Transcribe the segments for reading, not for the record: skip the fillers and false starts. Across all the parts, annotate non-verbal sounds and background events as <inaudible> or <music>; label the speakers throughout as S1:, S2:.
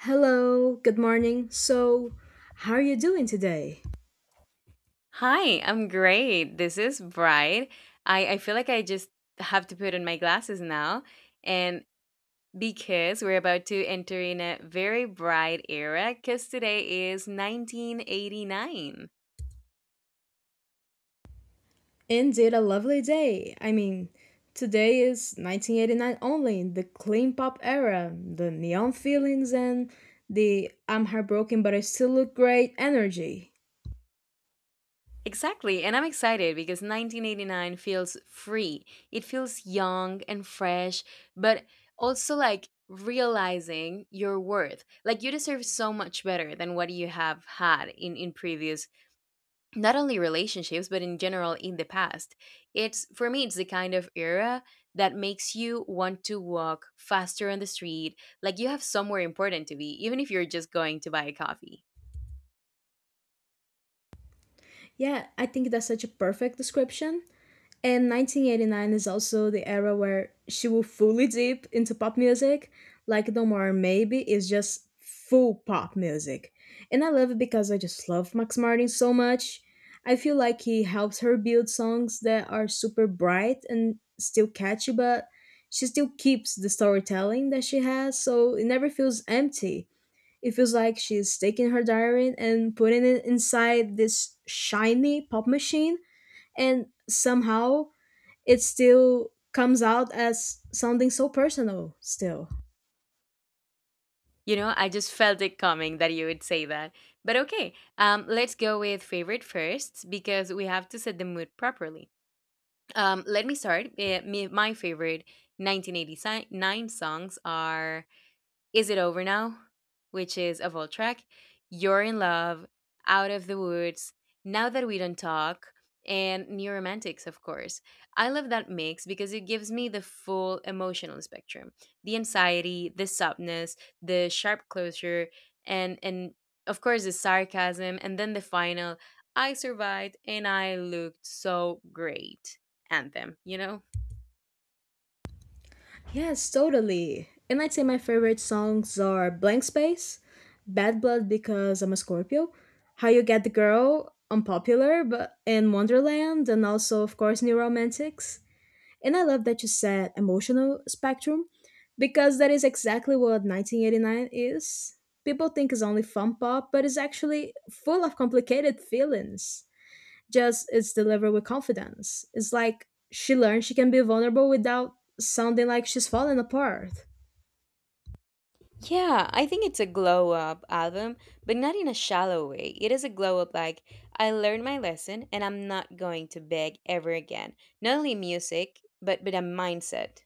S1: Hello, good morning. So, how are you doing today?
S2: Hi, I'm great. This is Bright. I feel like I just have to put on my glasses now. And because we're about to enter in a very bright era, because today is 1989.
S1: Indeed, a lovely day. I mean, today is 1989 only, the clean pop era, the neon feelings, and the I'm heartbroken but I still look great energy.
S2: Exactly. And I'm excited because 1989 feels free. It feels young and fresh, but also like realizing your worth. Like you deserve so much better than what you have had in previous not only relationships but in general in the past, it's for me, it's the kind of era that makes you want to walk faster on the street like you have somewhere important to be even if you're just going to buy a coffee.
S1: Yeah, I think that's such a perfect description. And 1989 is also the era where she will fully dip into pop music. Like Don't Worry Maybe is just full pop music. And I love it because I just love Max Martin so much. I feel like he helps her build songs that are super bright and still catchy, but she still keeps the storytelling that she has, so it never feels empty. It feels like she's taking her diary and putting it inside this shiny pop machine, and somehow it still comes out as sounding so personal still.
S2: You know, I just felt it coming that you would say that, but okay. Let's go with favorite first because we have to set the mood properly. Let me start. My favorite 1989 songs are Is It Over Now, which is a vault track, You're in Love, Out of the Woods, Now That We Don't Talk, and New Romantics, of course. I love that mix because it gives me the full emotional spectrum, the anxiety, the softness, the sharp closure, and of course, the sarcasm, and then the final I survived and I looked so great anthem, you know?
S1: Yes, totally. And I'd say my favorite songs are Blank Space, Bad Blood because I'm a Scorpio, How You Get the Girl, Unpopular, but in Wonderland, and also of course New Romantics. And I love that you said emotional spectrum because that is exactly what 1989 is. People think it's only fun pop, but it's actually full of complicated feelings. Just it's delivered with confidence. It's like she learned she can be vulnerable without sounding like she's falling apart.
S2: Yeah, I think it's a glow up album, but not in a shallow way. It is a glow up like I learned my lesson and I'm not going to beg ever again. Not only music, but a mindset.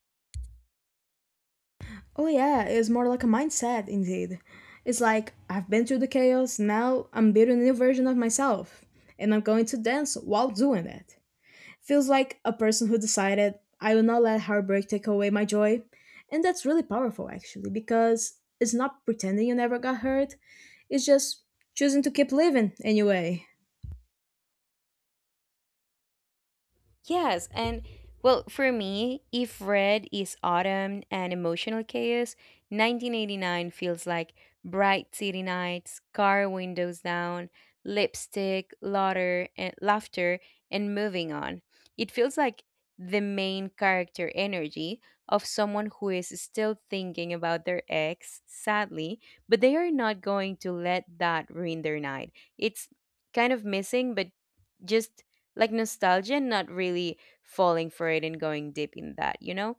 S1: Oh yeah, it's more like a mindset indeed. It's like I've been through the chaos, now I'm building a new version of myself and I'm going to dance while doing it. Feels like a person who decided I will not let heartbreak take away my joy. And that's really powerful actually because it's not pretending you never got hurt. It's just choosing to keep living anyway.
S2: Yes, and well, for me, if Red is autumn and emotional chaos, 1989 feels like bright city nights, car windows down, lipstick, laughter, and laughter, and moving on. It feels like the main character energy of someone who is still thinking about their ex, sadly, but they are not going to let that ruin their night. It's kind of missing, but just like nostalgia and not really falling for it and going deep in that, you know?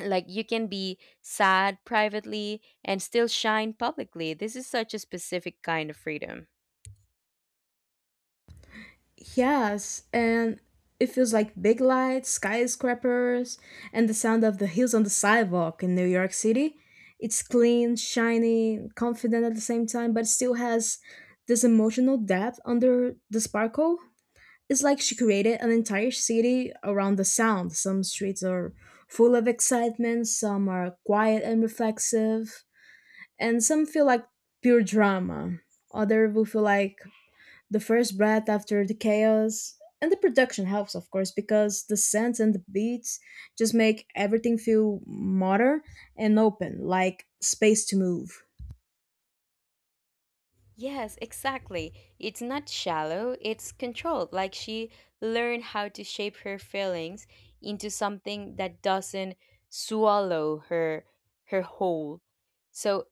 S2: Like you can be sad privately and still shine publicly. This is such a specific kind of freedom.
S1: Yes, and it feels like big lights, skyscrapers, and the sound of the heels on the sidewalk in New York City. It's clean, shiny, confident at the same time, but still has this emotional depth under the sparkle. It's like she created an entire city around the sound. Some streets are full of excitement, some are quiet and reflexive, and some feel like pure drama. Other will feel like the first breath after the chaos. And the production helps, of course, because the scents and the beats just make everything feel modern and open, like space to move.
S2: Yes, exactly. It's not shallow, it's controlled. Like she learned how to shape her feelings into something that doesn't swallow her whole. So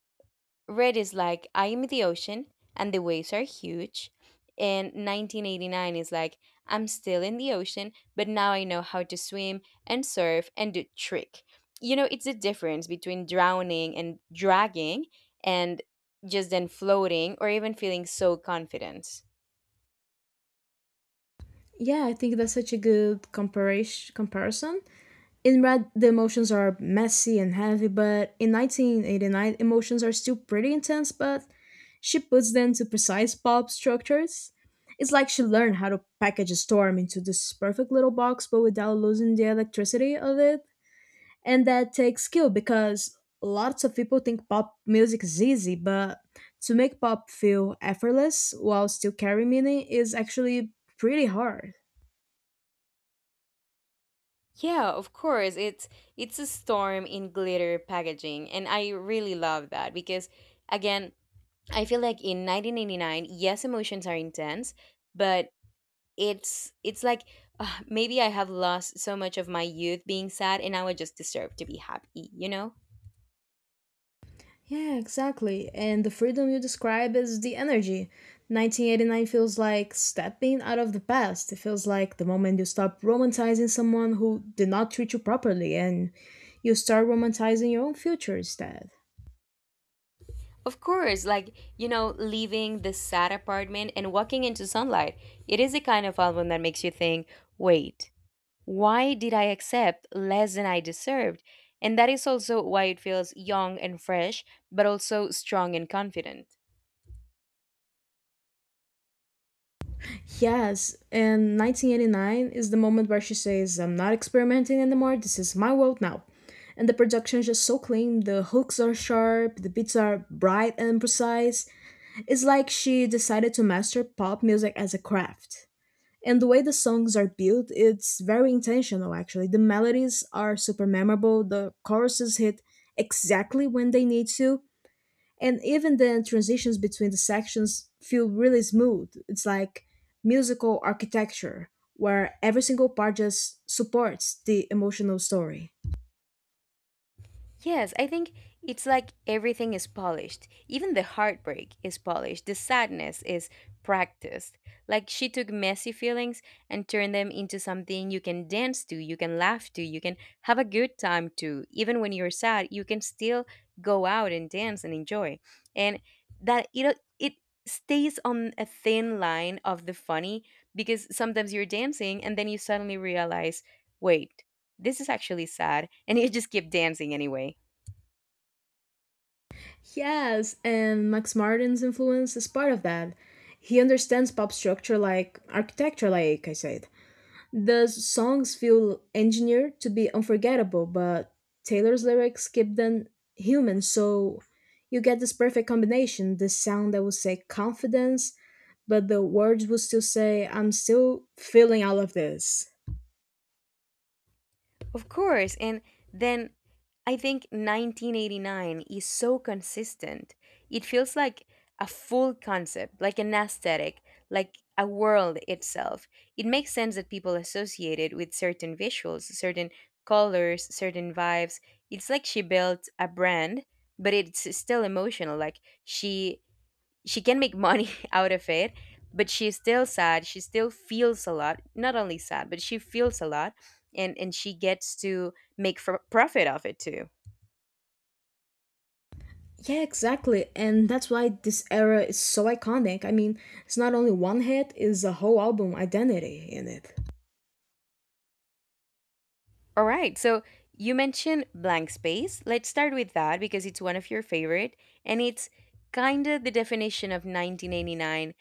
S2: Red is like I am the ocean and the waves are huge. And 1989 is like I'm still in the ocean, but now I know how to swim and surf and do trick. You know, it's the difference between drowning and dragging and just then floating or even feeling so confident.
S1: Yeah, I think that's such a good comparation. Comparison. In Red, the emotions are messy and heavy, but in 1989, emotions are still pretty intense, but she puts them to precise pop structures. It's like she learned how to package a storm into this perfect little box, but without losing the electricity of it. And that takes skill because lots of people think pop music is easy, but to make pop feel effortless while still carrying meaning is actually pretty hard.
S2: Yeah, of course. It's a storm in glitter packaging and I really love that because again, I feel like in 1989, yes, emotions are intense, but it's like maybe I have lost so much of my youth being sad and now I just deserve to be happy, you know?
S1: Yeah, exactly. And the freedom you describe is the energy. 1989 feels like stepping out of the past. It feels like the moment you stop romanticizing someone who did not treat you properly and you start romanticizing your own future instead.
S2: Of course, like, you know, leaving the sad apartment and walking into sunlight. It is a kind of album that makes you think, wait, why did I accept less than I deserved? And that is also why it feels young and fresh but also strong and confident.
S1: Yes, and 1989 is the moment where she says, I'm not experimenting anymore, this is my world now. And the production is just so clean, the hooks are sharp, the beats are bright and precise. It's like she decided to master pop music as a craft. And the way the songs are built, it's very intentional actually. The melodies are super memorable, the choruses hit exactly when they need to, and even the transitions between the sections feel really smooth. It's like musical architecture where every single part just supports the emotional story.
S2: Yes, I think it's like everything is polished. Even the heartbreak is polished. The sadness is practiced. Like she took messy feelings and turned them into something you can dance to, you can laugh to, you can have a good time to. Even when you're sad, you can still go out and dance and enjoy. And that it stays on a thin line of the funny because sometimes you're dancing and then you suddenly realize, wait, this is actually sad, and you just keep dancing anyway.
S1: Yes, and Max Martin's influence is part of that. He understands pop structure like architecture, like I said. The songs feel engineered to be unforgettable, but Taylor's lyrics keep them human, so you get this perfect combination, the sound that will say confidence, but the words will still say, I'm still feeling all of this.
S2: Of course. And then I think 1989 is so consistent. It feels like a full concept, like an aesthetic, like a world itself. It makes sense that people associate it with certain visuals, certain colors, certain vibes. It's like she built a brand, but it's still emotional. Like she can make money <laughs> out of it, but she's still sad, she still feels a lot, not only sad, but she feels a lot, and she gets to make profit of it too.
S1: Yeah, exactly. And that's why this era is so iconic. I mean, it's not only one hit, it's a whole album identity in it.
S2: All right, so you mentioned Blank Space, let's start with that because it's one of your favorite and it's kind of the definition of 1989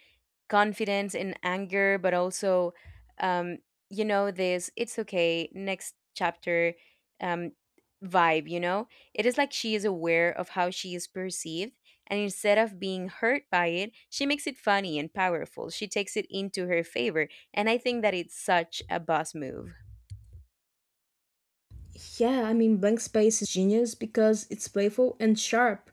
S2: confidence and anger, but also, um, you know, this, it's okay, next chapter, um, vibe, you know? It is like she is aware of how she is perceived. And instead of being hurt by it, she makes it funny and powerful. She takes it into her favor. And I think that it's such a boss move.
S1: Yeah, I mean, Blank Space is genius because it's playful and sharp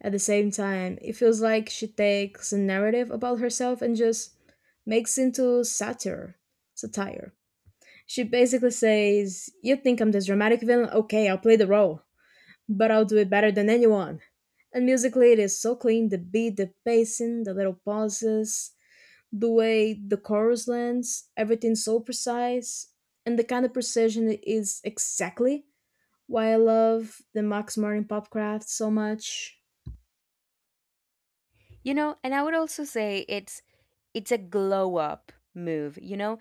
S1: at the same time. It feels like she takes a narrative about herself and just makes into satire. Satire. She basically says, "You think I'm this dramatic villain? Okay, I'll play the role, but I'll do it better than anyone." And musically, it is so clean. The beat, the pacing, the little pauses, the way the chorus lands, everything's so precise, and the kind of precision is exactly why I love the Max Martin Popcraft so much.
S2: You know, and I would also say it's a glow up move. You know,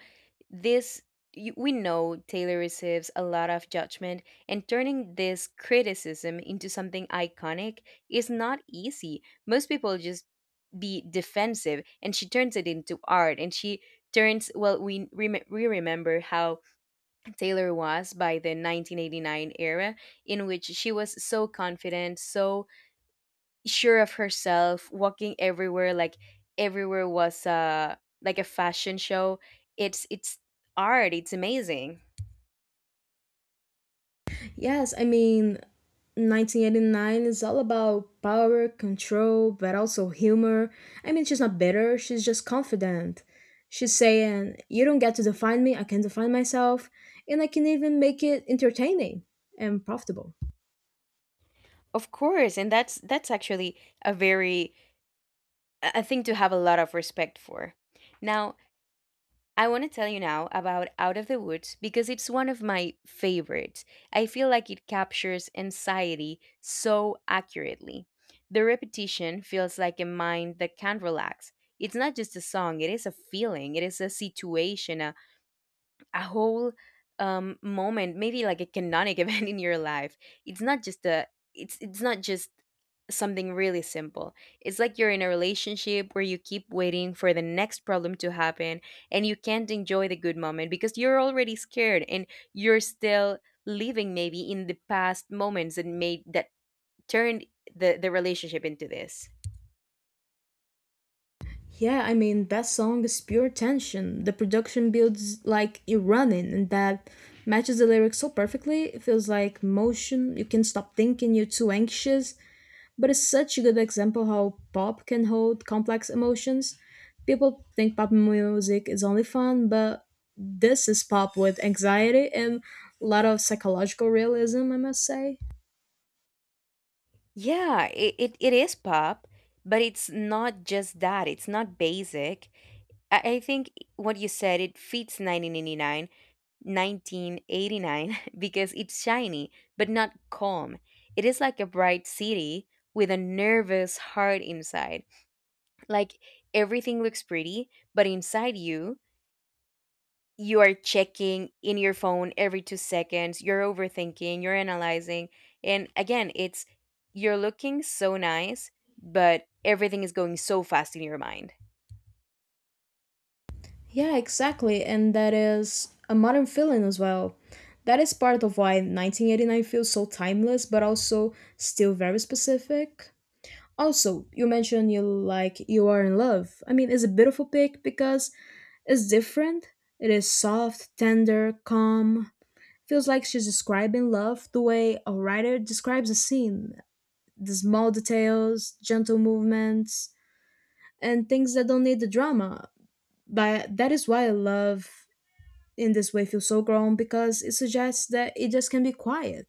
S2: this, you, we know Taylor receives a lot of judgment, and turning this criticism into something iconic is not easy. Most people just be defensive, and she turns it into art, and she turns, well, we we remember how Taylor was by the 1989 era in which she was so confident, so sure of herself, walking everywhere, like everywhere was like a fashion show. It's art, it's amazing.
S1: Yes, I mean, 1989 is all about power, control, but also humor. I mean, she's not bitter, she's just confident. She's saying, You don't get to define me, I can define myself, and I can even make it entertaining and profitable.
S2: Of course, and that's actually a very a thing to have a lot of respect for. Now, I want to tell you now about Out of the Woods because it's one of my favorites. I feel like it captures anxiety so accurately. The repetition feels like a mind that can't relax. It's not just a song, it is a feeling, it is a situation, a whole moment, maybe like a canonic <laughs> event in your life. It's not just a, it's not just something really simple. It's like you're in a relationship where you keep waiting for the next problem to happen and you can't enjoy the good moment because you're already scared and you're still living maybe in the past moments that made that turned the relationship into this.
S1: Yeah, I mean, that song is pure tension. The production builds like you're running, and that matches the lyrics so perfectly. It feels like motion. You can stop thinking you're too anxious, but it's such a good example how pop can hold complex emotions. People think pop music is only fun, but this is pop with anxiety and a lot of psychological realism, I must say.
S2: Yeah, it is pop, but it's not just that. It's not basic. I think what you said, it fits 1989 <laughs> because it's shiny, but not calm. It is like a bright city with a nervous heart inside. Like everything looks pretty, but inside you, you are checking in your phone every 2 seconds, you're overthinking, you're analyzing. And again, it's you're looking so nice, but everything is going so fast in your mind.
S1: Yeah, exactly. And that is a modern feeling as well. That is part of why 1989 feels so timeless, but also still very specific. Also, you mentioned you like You Are in Love. I mean, it's a beautiful pick because it's different. It is soft, tender, calm. Feels like she's describing love the way a writer describes a scene, the small details, gentle movements, and things that don't need the drama. But that is why I love in this way feel so grown because it suggests that it just can be quiet.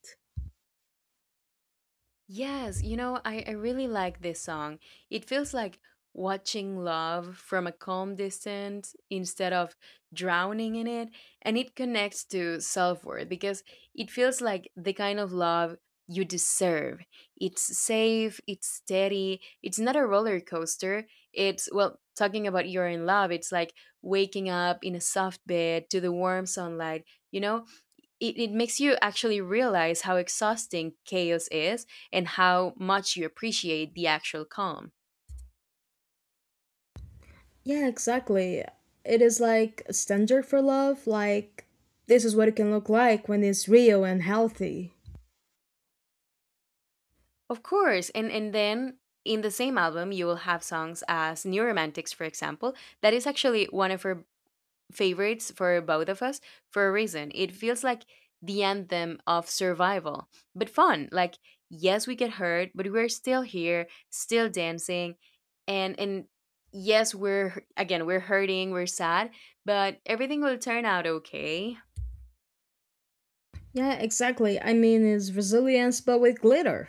S2: Yes, you know, I really like this song. It feels like watching love from a calm distance instead of drowning in it. And it connects to self worth because it feels like the kind of love you deserve. It's safe, it's steady, it's not a roller coaster. It's, well, talking about You're in Love, it's like waking up in a soft bed to the warm sunlight, you know? It makes you actually realize how exhausting chaos is and how much you appreciate the actual calm.
S1: Yeah, exactly. It is like a standard for love, like this is what it can look like when it's real and healthy.
S2: Of course, and then in the same album, you will have songs as New Romantics, for example. That is actually one of her favorites for both of us for a reason. It feels like the anthem of survival, but fun. Like, yes, we get hurt, but we're still here, still dancing, and yes, we're again, we're hurting, we're sad, but everything will turn out okay.
S1: Yeah, exactly. I mean, it's resilience but with glitter.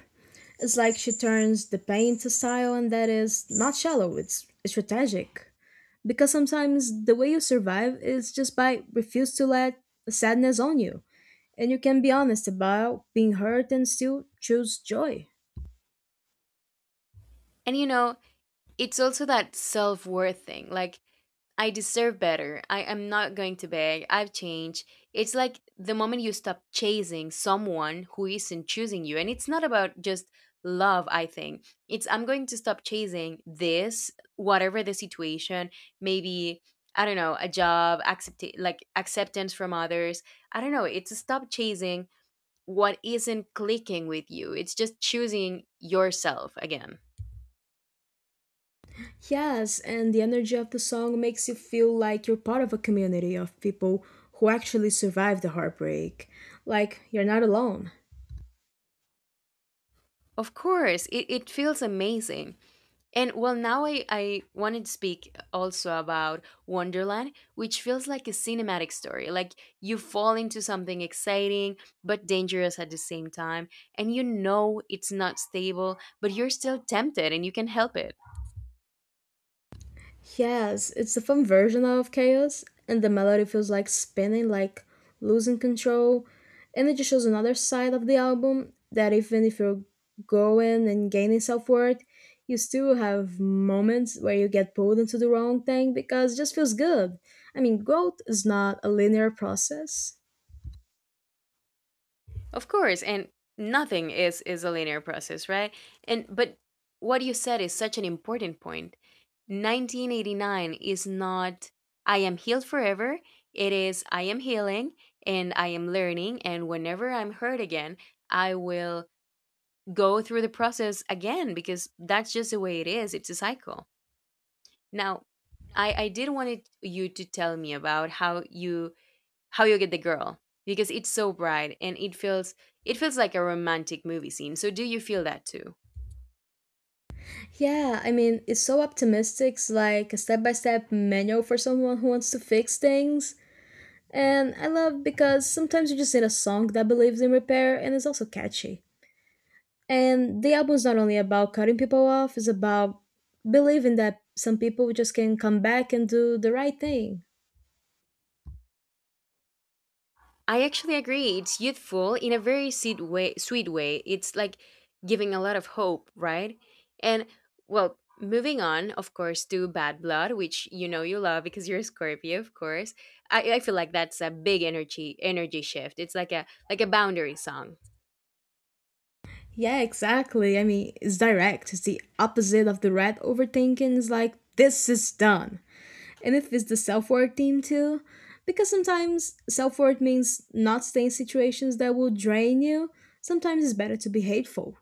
S1: It's like she turns the pain to style, and that is not shallow, it's strategic. Because sometimes the way you survive is just by refuse to let sadness on you. And you can be honest about being hurt and still choose joy.
S2: And you know, it's also that self worth thing. Like I deserve better. I am not going to beg. I've changed. It's like the moment you stop chasing someone who isn't choosing you. And it's not about just love, I think. It's I'm going to stop chasing this, whatever the situation, maybe, I don't know, a job, accept like acceptance from others. I don't know. It's stop chasing what isn't clicking with you. It's just choosing yourself again.
S1: Yes, and the energy of the song makes you feel like you're part of a community of people who actually survived the heartbreak. Like you're not alone.
S2: Of course, it feels amazing. And well, now I wanted to speak also about Wonderland, which feels like a cinematic story. Like you fall into something exciting but dangerous at the same time, and you know it's not stable, but you're still tempted and you can help it.
S1: Yes, it's a fun version of Chaos, and the melody feels like spinning, like losing control. And it just shows another side of the album that even if you're going and gaining self worth, you still have moments where you get pulled into the wrong thing because it just feels good. I mean, growth is not a linear process.
S2: Of course, and nothing is a linear process, right? And but what you said is such an important point, 1989 is not I am healed forever. It is I am healing and I am learning. And whenever I'm hurt again, I will go through the process again because that's just the way it is. It's a cycle. Now, I did wanted you to tell me about how you get the girl because it's so bright and it feels, it feels like a romantic movie scene. So do you feel that too?
S1: Yeah, I mean, it's so optimistic. It's like a step by step manual for someone who wants to fix things. And I love because sometimes you just need a song that believes in repair and is also catchy. And the album's not only about cutting people off, it's about believing that some people just can come back and do the right thing.
S2: I actually agree. It's youthful in a very sweet way. Sweet way. It's like giving a lot of hope, right? And well, moving on, of course, to Bad Blood, which you know you love because you're a Scorpio, of course. I feel like that's a big energy shift. It's like a boundary song.
S1: Yeah, exactly. I mean, it's direct. It's the opposite of the red overthinking. It's like, this is done. And if it's the self work theme too, because sometimes self work means not staying in situations that will drain you, sometimes it's better to be hateful.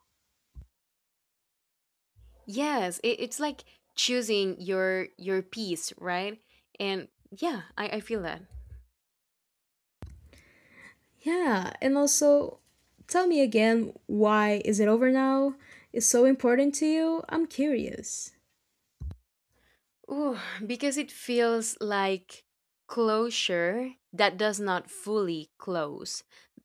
S2: Yes, it's like choosing your piece, right? And yeah, I feel that.
S1: Yeah, and also tell me again why is it over now is so important to you? I'm curious.
S2: Ooh, because it feels like closure that does not fully close.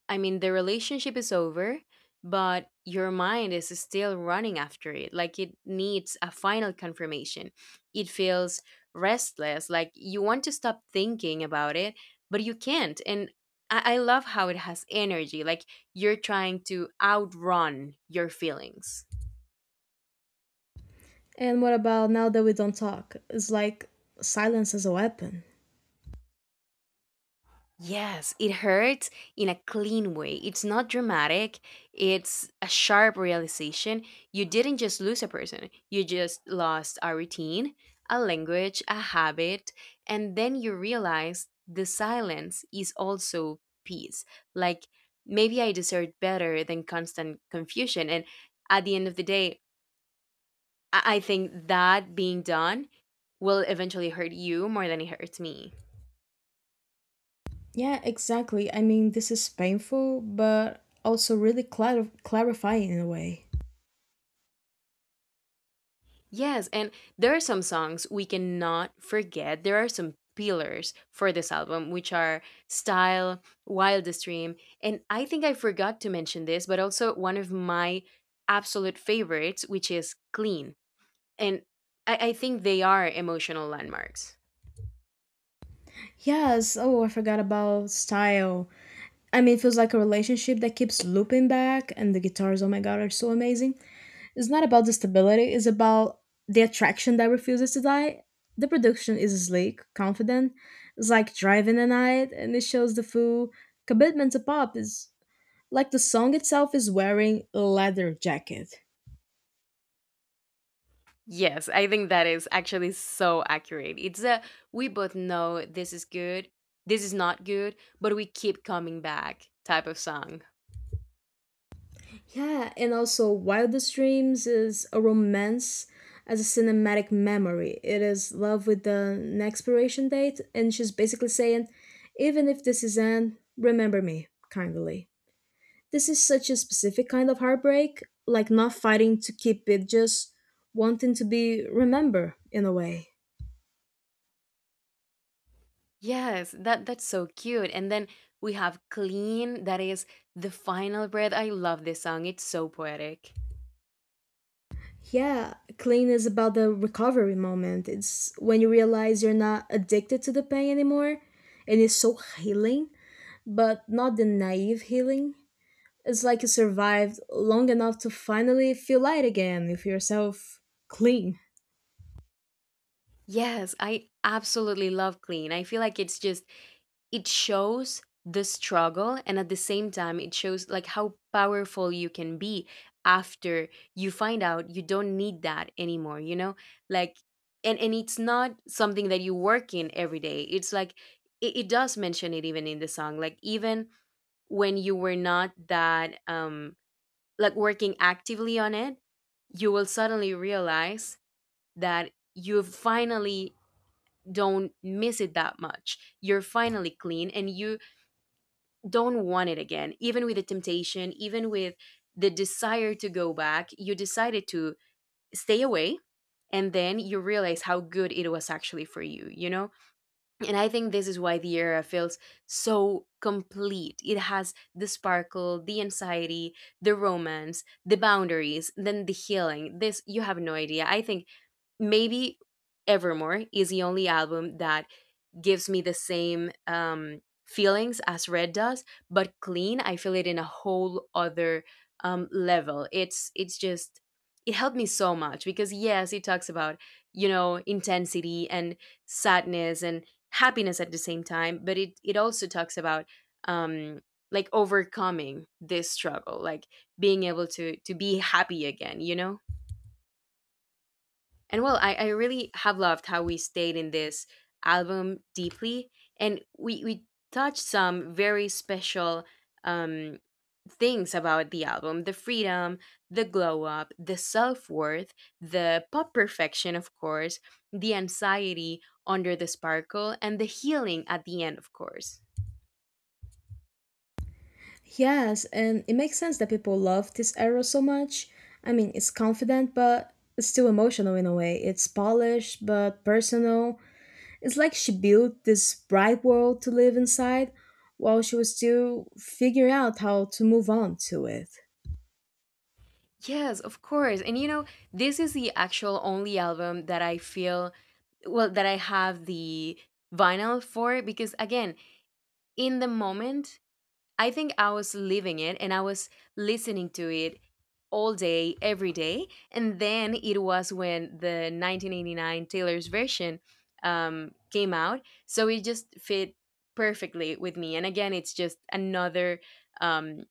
S2: I mean, the relationship is over, but your mind is still running after it. Like it needs a final confirmation. It feels restless. Like you want to stop thinking about it, but you can't. And I love how it has energy. Like you're trying to outrun your feelings.
S1: And what about now that we don't talk? It's like silence as a weapon.
S2: Yes, it hurts in a clean way. It's not dramatic. It's a sharp realization. You didn't just lose a person, you just lost a routine, a language, a habit. And then you realize the silence is also peace. Like maybe I deserve better than constant confusion. And at the end of the day, I think that being done will eventually hurt you more than it hurts me.
S1: Yeah, exactly. I mean, this is painful, but also really clarifying in a way.
S2: Yes, and there are some songs we cannot forget. There are some pillars for this album, which are Style, Wildest Dream, and I think I forgot to mention this, but also one of my absolute favorites, which is Clean. And I think they are emotional landmarks.
S1: Yes, oh, I forgot about style. I mean, it feels like a relationship that keeps looping back, and the guitars, oh my god, are so amazing. It's not about the stability, it's about the attraction that refuses to die. The production is sleek, confident. It's like driving a night, and it shows the full commitment to pop. Is like the song itself is wearing a leather jacket.
S2: Yes, I think that is actually so accurate. It's a we both know this is good, this is not good, but we keep coming back type of song.
S1: Yeah, and also Wildest Dreams is a romance as a cinematic memory. It is love with an expiration date, and she's basically saying, even if this is end, remember me, kindly. This is such a specific kind of heartbreak, like not fighting to keep it, just wanting to be remembered in a way.
S2: Yes, that's so cute. And then we have Clean, that is the final breath. I love this song. It's so poetic.
S1: Yeah, clean is about the recovery moment. It's when you realize you're not addicted to the pain anymore, and it's so healing but not the naive healing. It's like you survived long enough to finally feel light again with yourself clean.
S2: Yes, I absolutely love Clean. I feel like it's just it shows the struggle and at the same time it shows like how powerful you can be after you find out you don't need that anymore, Like and it's not something that you work in every day. It's like it does mention it even in the song. Like even when you were not that like working actively on it, you will suddenly realize that you finally don't miss it that much. You're finally clean and you don't want it again, even with the temptation, even with the desire to go back. You decided to stay away, and then you realize how good it was actually for you you know And I think this is why the era feels so complete. It has the sparkle, the anxiety, the romance, the boundaries, then the healing. This, you have no idea. I think maybe Evermore is the only album that gives me the same feelings as red does, but clean, I feel it in a whole other level. It's just it helped me so much because yes, it talks about intensity and sadness and happiness at the same time, but it also talks about um, like overcoming this struggle, like being able to be happy again, And well, I really have loved how we stayed in this album deeply. And we touched some very special um, things about the album, the freedom, the glow up, the self worth, the pop perfection, of course, the anxiety under the sparkle, and the healing at the end, of course.
S1: Yes, and it makes sense that people love this era so much. I mean, it's confident, but it's still emotional in a way. It's polished, but personal. It's like she built this bright world to live inside while she was still figuring out how to move on to it.
S2: Yes, of course. And you know, this is the actual only album that I feel well that I have the vinyl for, because again in the moment, I think I was living it and I was listening to it all day, every day. And then it was when the 1989 Taylor's version came out. So it just fit perfectly with me. And again, it's just another um,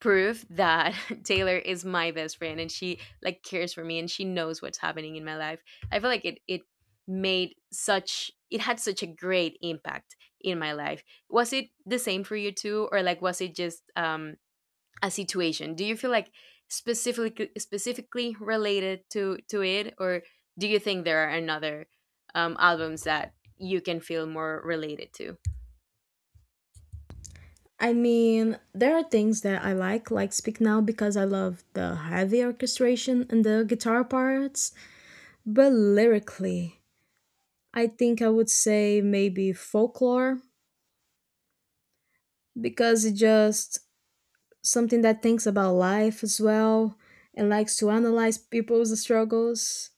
S2: proof that <laughs> Taylor is my best friend and she like cares for me and she knows what's happening in my life. I feel like it made such it had such a great impact in my life. Was it the same for you too, or like was it just a situation? Do you feel like specifically related to it, or do you think there are another albums that you can feel more related to?
S1: I mean, there are things that I like Speak Now, because I love the heavy orchestration and the guitar parts. But lyrically, I think I would say maybe folklore, because it's just something that thinks about life as well and likes to analyze people's struggles.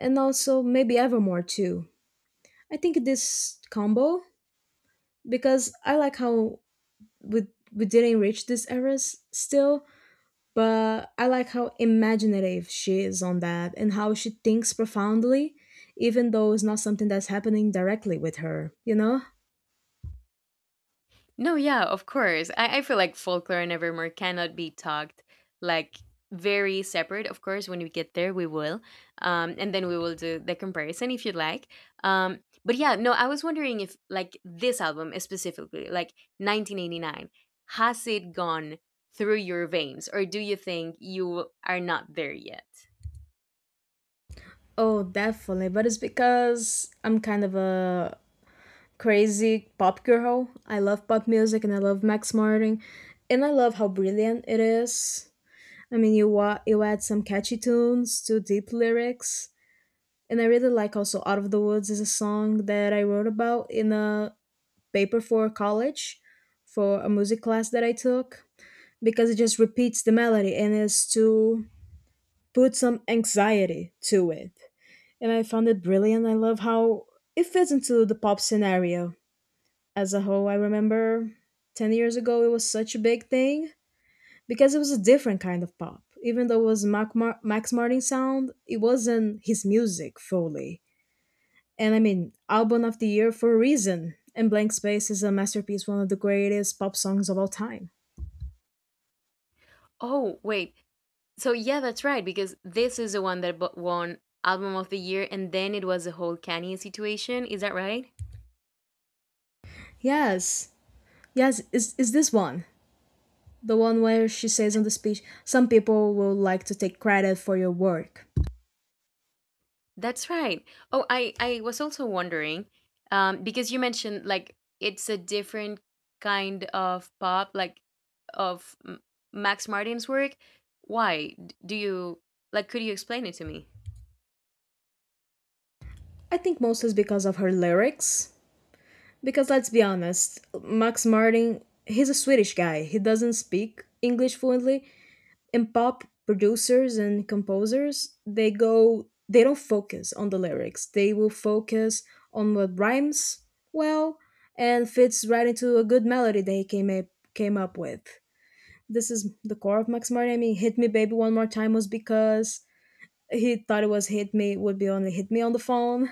S1: And also maybe Evermore too. I think this combo, because I like how we, we didn't reach these eras still, but I like how imaginative she is on that and how she thinks profoundly, even though it's not something that's happening directly with her, you know?
S2: No, yeah, of course. I feel like folklore and Evermore cannot be talked like very separate. Of course, when we get there, we will. And then we will do the comparison if you'd like. But yeah, no, I was wondering if like this album specifically, like 1989, has it gone through your veins, or do you think you are not there yet?
S1: Oh, definitely. But it's because I'm kind of a crazy pop girl. I love pop music and I love Max Martin, and I love how brilliant it is. I mean, you you add some catchy tunes to deep lyrics, and I really like also "Out of the Woods" is a song that I wrote about in a paper for college for a music class that I took because it just repeats the melody and is to put some anxiety to it. And I found it brilliant. I love how it fits into the pop scenario as a whole. I remember 10 years ago it was such a big thing because it was a different kind of pop. Even though it was Max Martin sound, it wasn't his music fully. And I mean, album of the year for a reason. And Blank Space is a masterpiece, one of the greatest pop songs of all time.
S2: Oh, wait. So yeah, that's right, because this is the one that won album of the year and then it was the whole Kanye situation. Is that right?
S1: Yes, yes, is this one the one where she says on the speech, "Some people will like to take credit for your work."
S2: That's right. Oh, I was also wondering, because you mentioned like it's a different kind of pop, like of Max Martin's work. Do you like? Could you explain it to me?
S1: I think most is because of her lyrics. Because let's be honest, Max Martin, he's a Swedish guy. He doesn't speak English fluently, and pop producers and composers, they go, they don't focus on the lyrics. They will focus on what rhymes well and fits right into a good melody they came up with. This is the core of Max Martin. I mean, Hit Me Baby One More Time was because he thought it was hit me would be only hit me on the phone.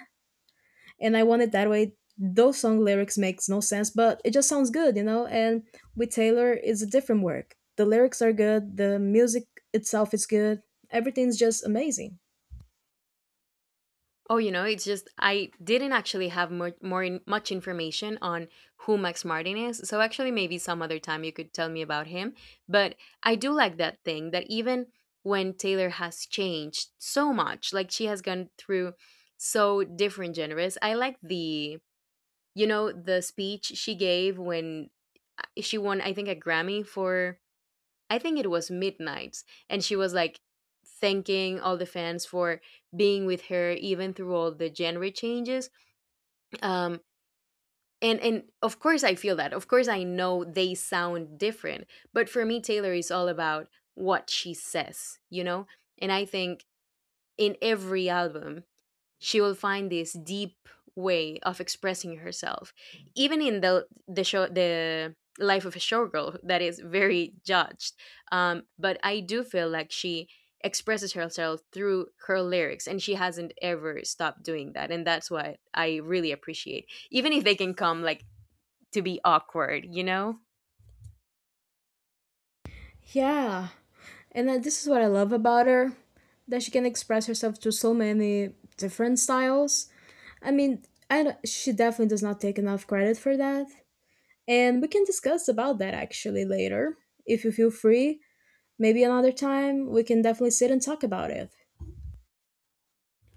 S1: And I Want It That Way. Those song lyrics makes no sense, but it just sounds good, you know. And with Taylor, it's a different work. The lyrics are good. The music itself is good. Everything's just amazing.
S2: Oh, you know, it's just I didn't actually have much information on who Max Martin is. So actually, maybe some other time you could tell me about him. But I do like that thing that even when Taylor has changed so much, like she has gone through so different genres, I like the the speech she gave when she won, I think, a Grammy for I think it was midnight, and she was like thanking all the fans for being with her even through all the genre changes. Um, and of course I feel that. Of course I know they sound different, but for me Taylor is all about what she says, you know. And I think in every album she will find this deep way of expressing herself even in the show the life of a showgirl that is very judged, but I do feel like she expresses herself through her lyrics and she hasn't ever stopped doing that, and that's what I really appreciate, even if they can come like to be awkward, you know.
S1: Yeah, and then this is what I love about her, that she can express herself through so many different styles. I mean, I don't- she definitely does not take enough credit for that. And we can discuss about that actually later. If you feel free, maybe another time we can definitely sit and talk about it.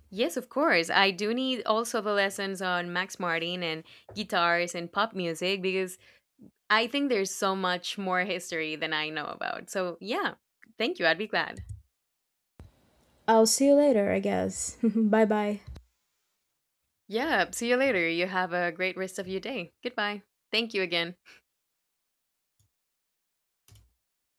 S2: Yes, of course, I do need also the lessons on Max Martin and guitars and pop music because I think there's so much more history than I know about. So, yeah, thank you. I'd be glad.
S1: I'll see you later, I guess. <laughs> Bye bye.
S2: Yeah, see you later. You have a great rest of your day. Goodbye. Thank you again.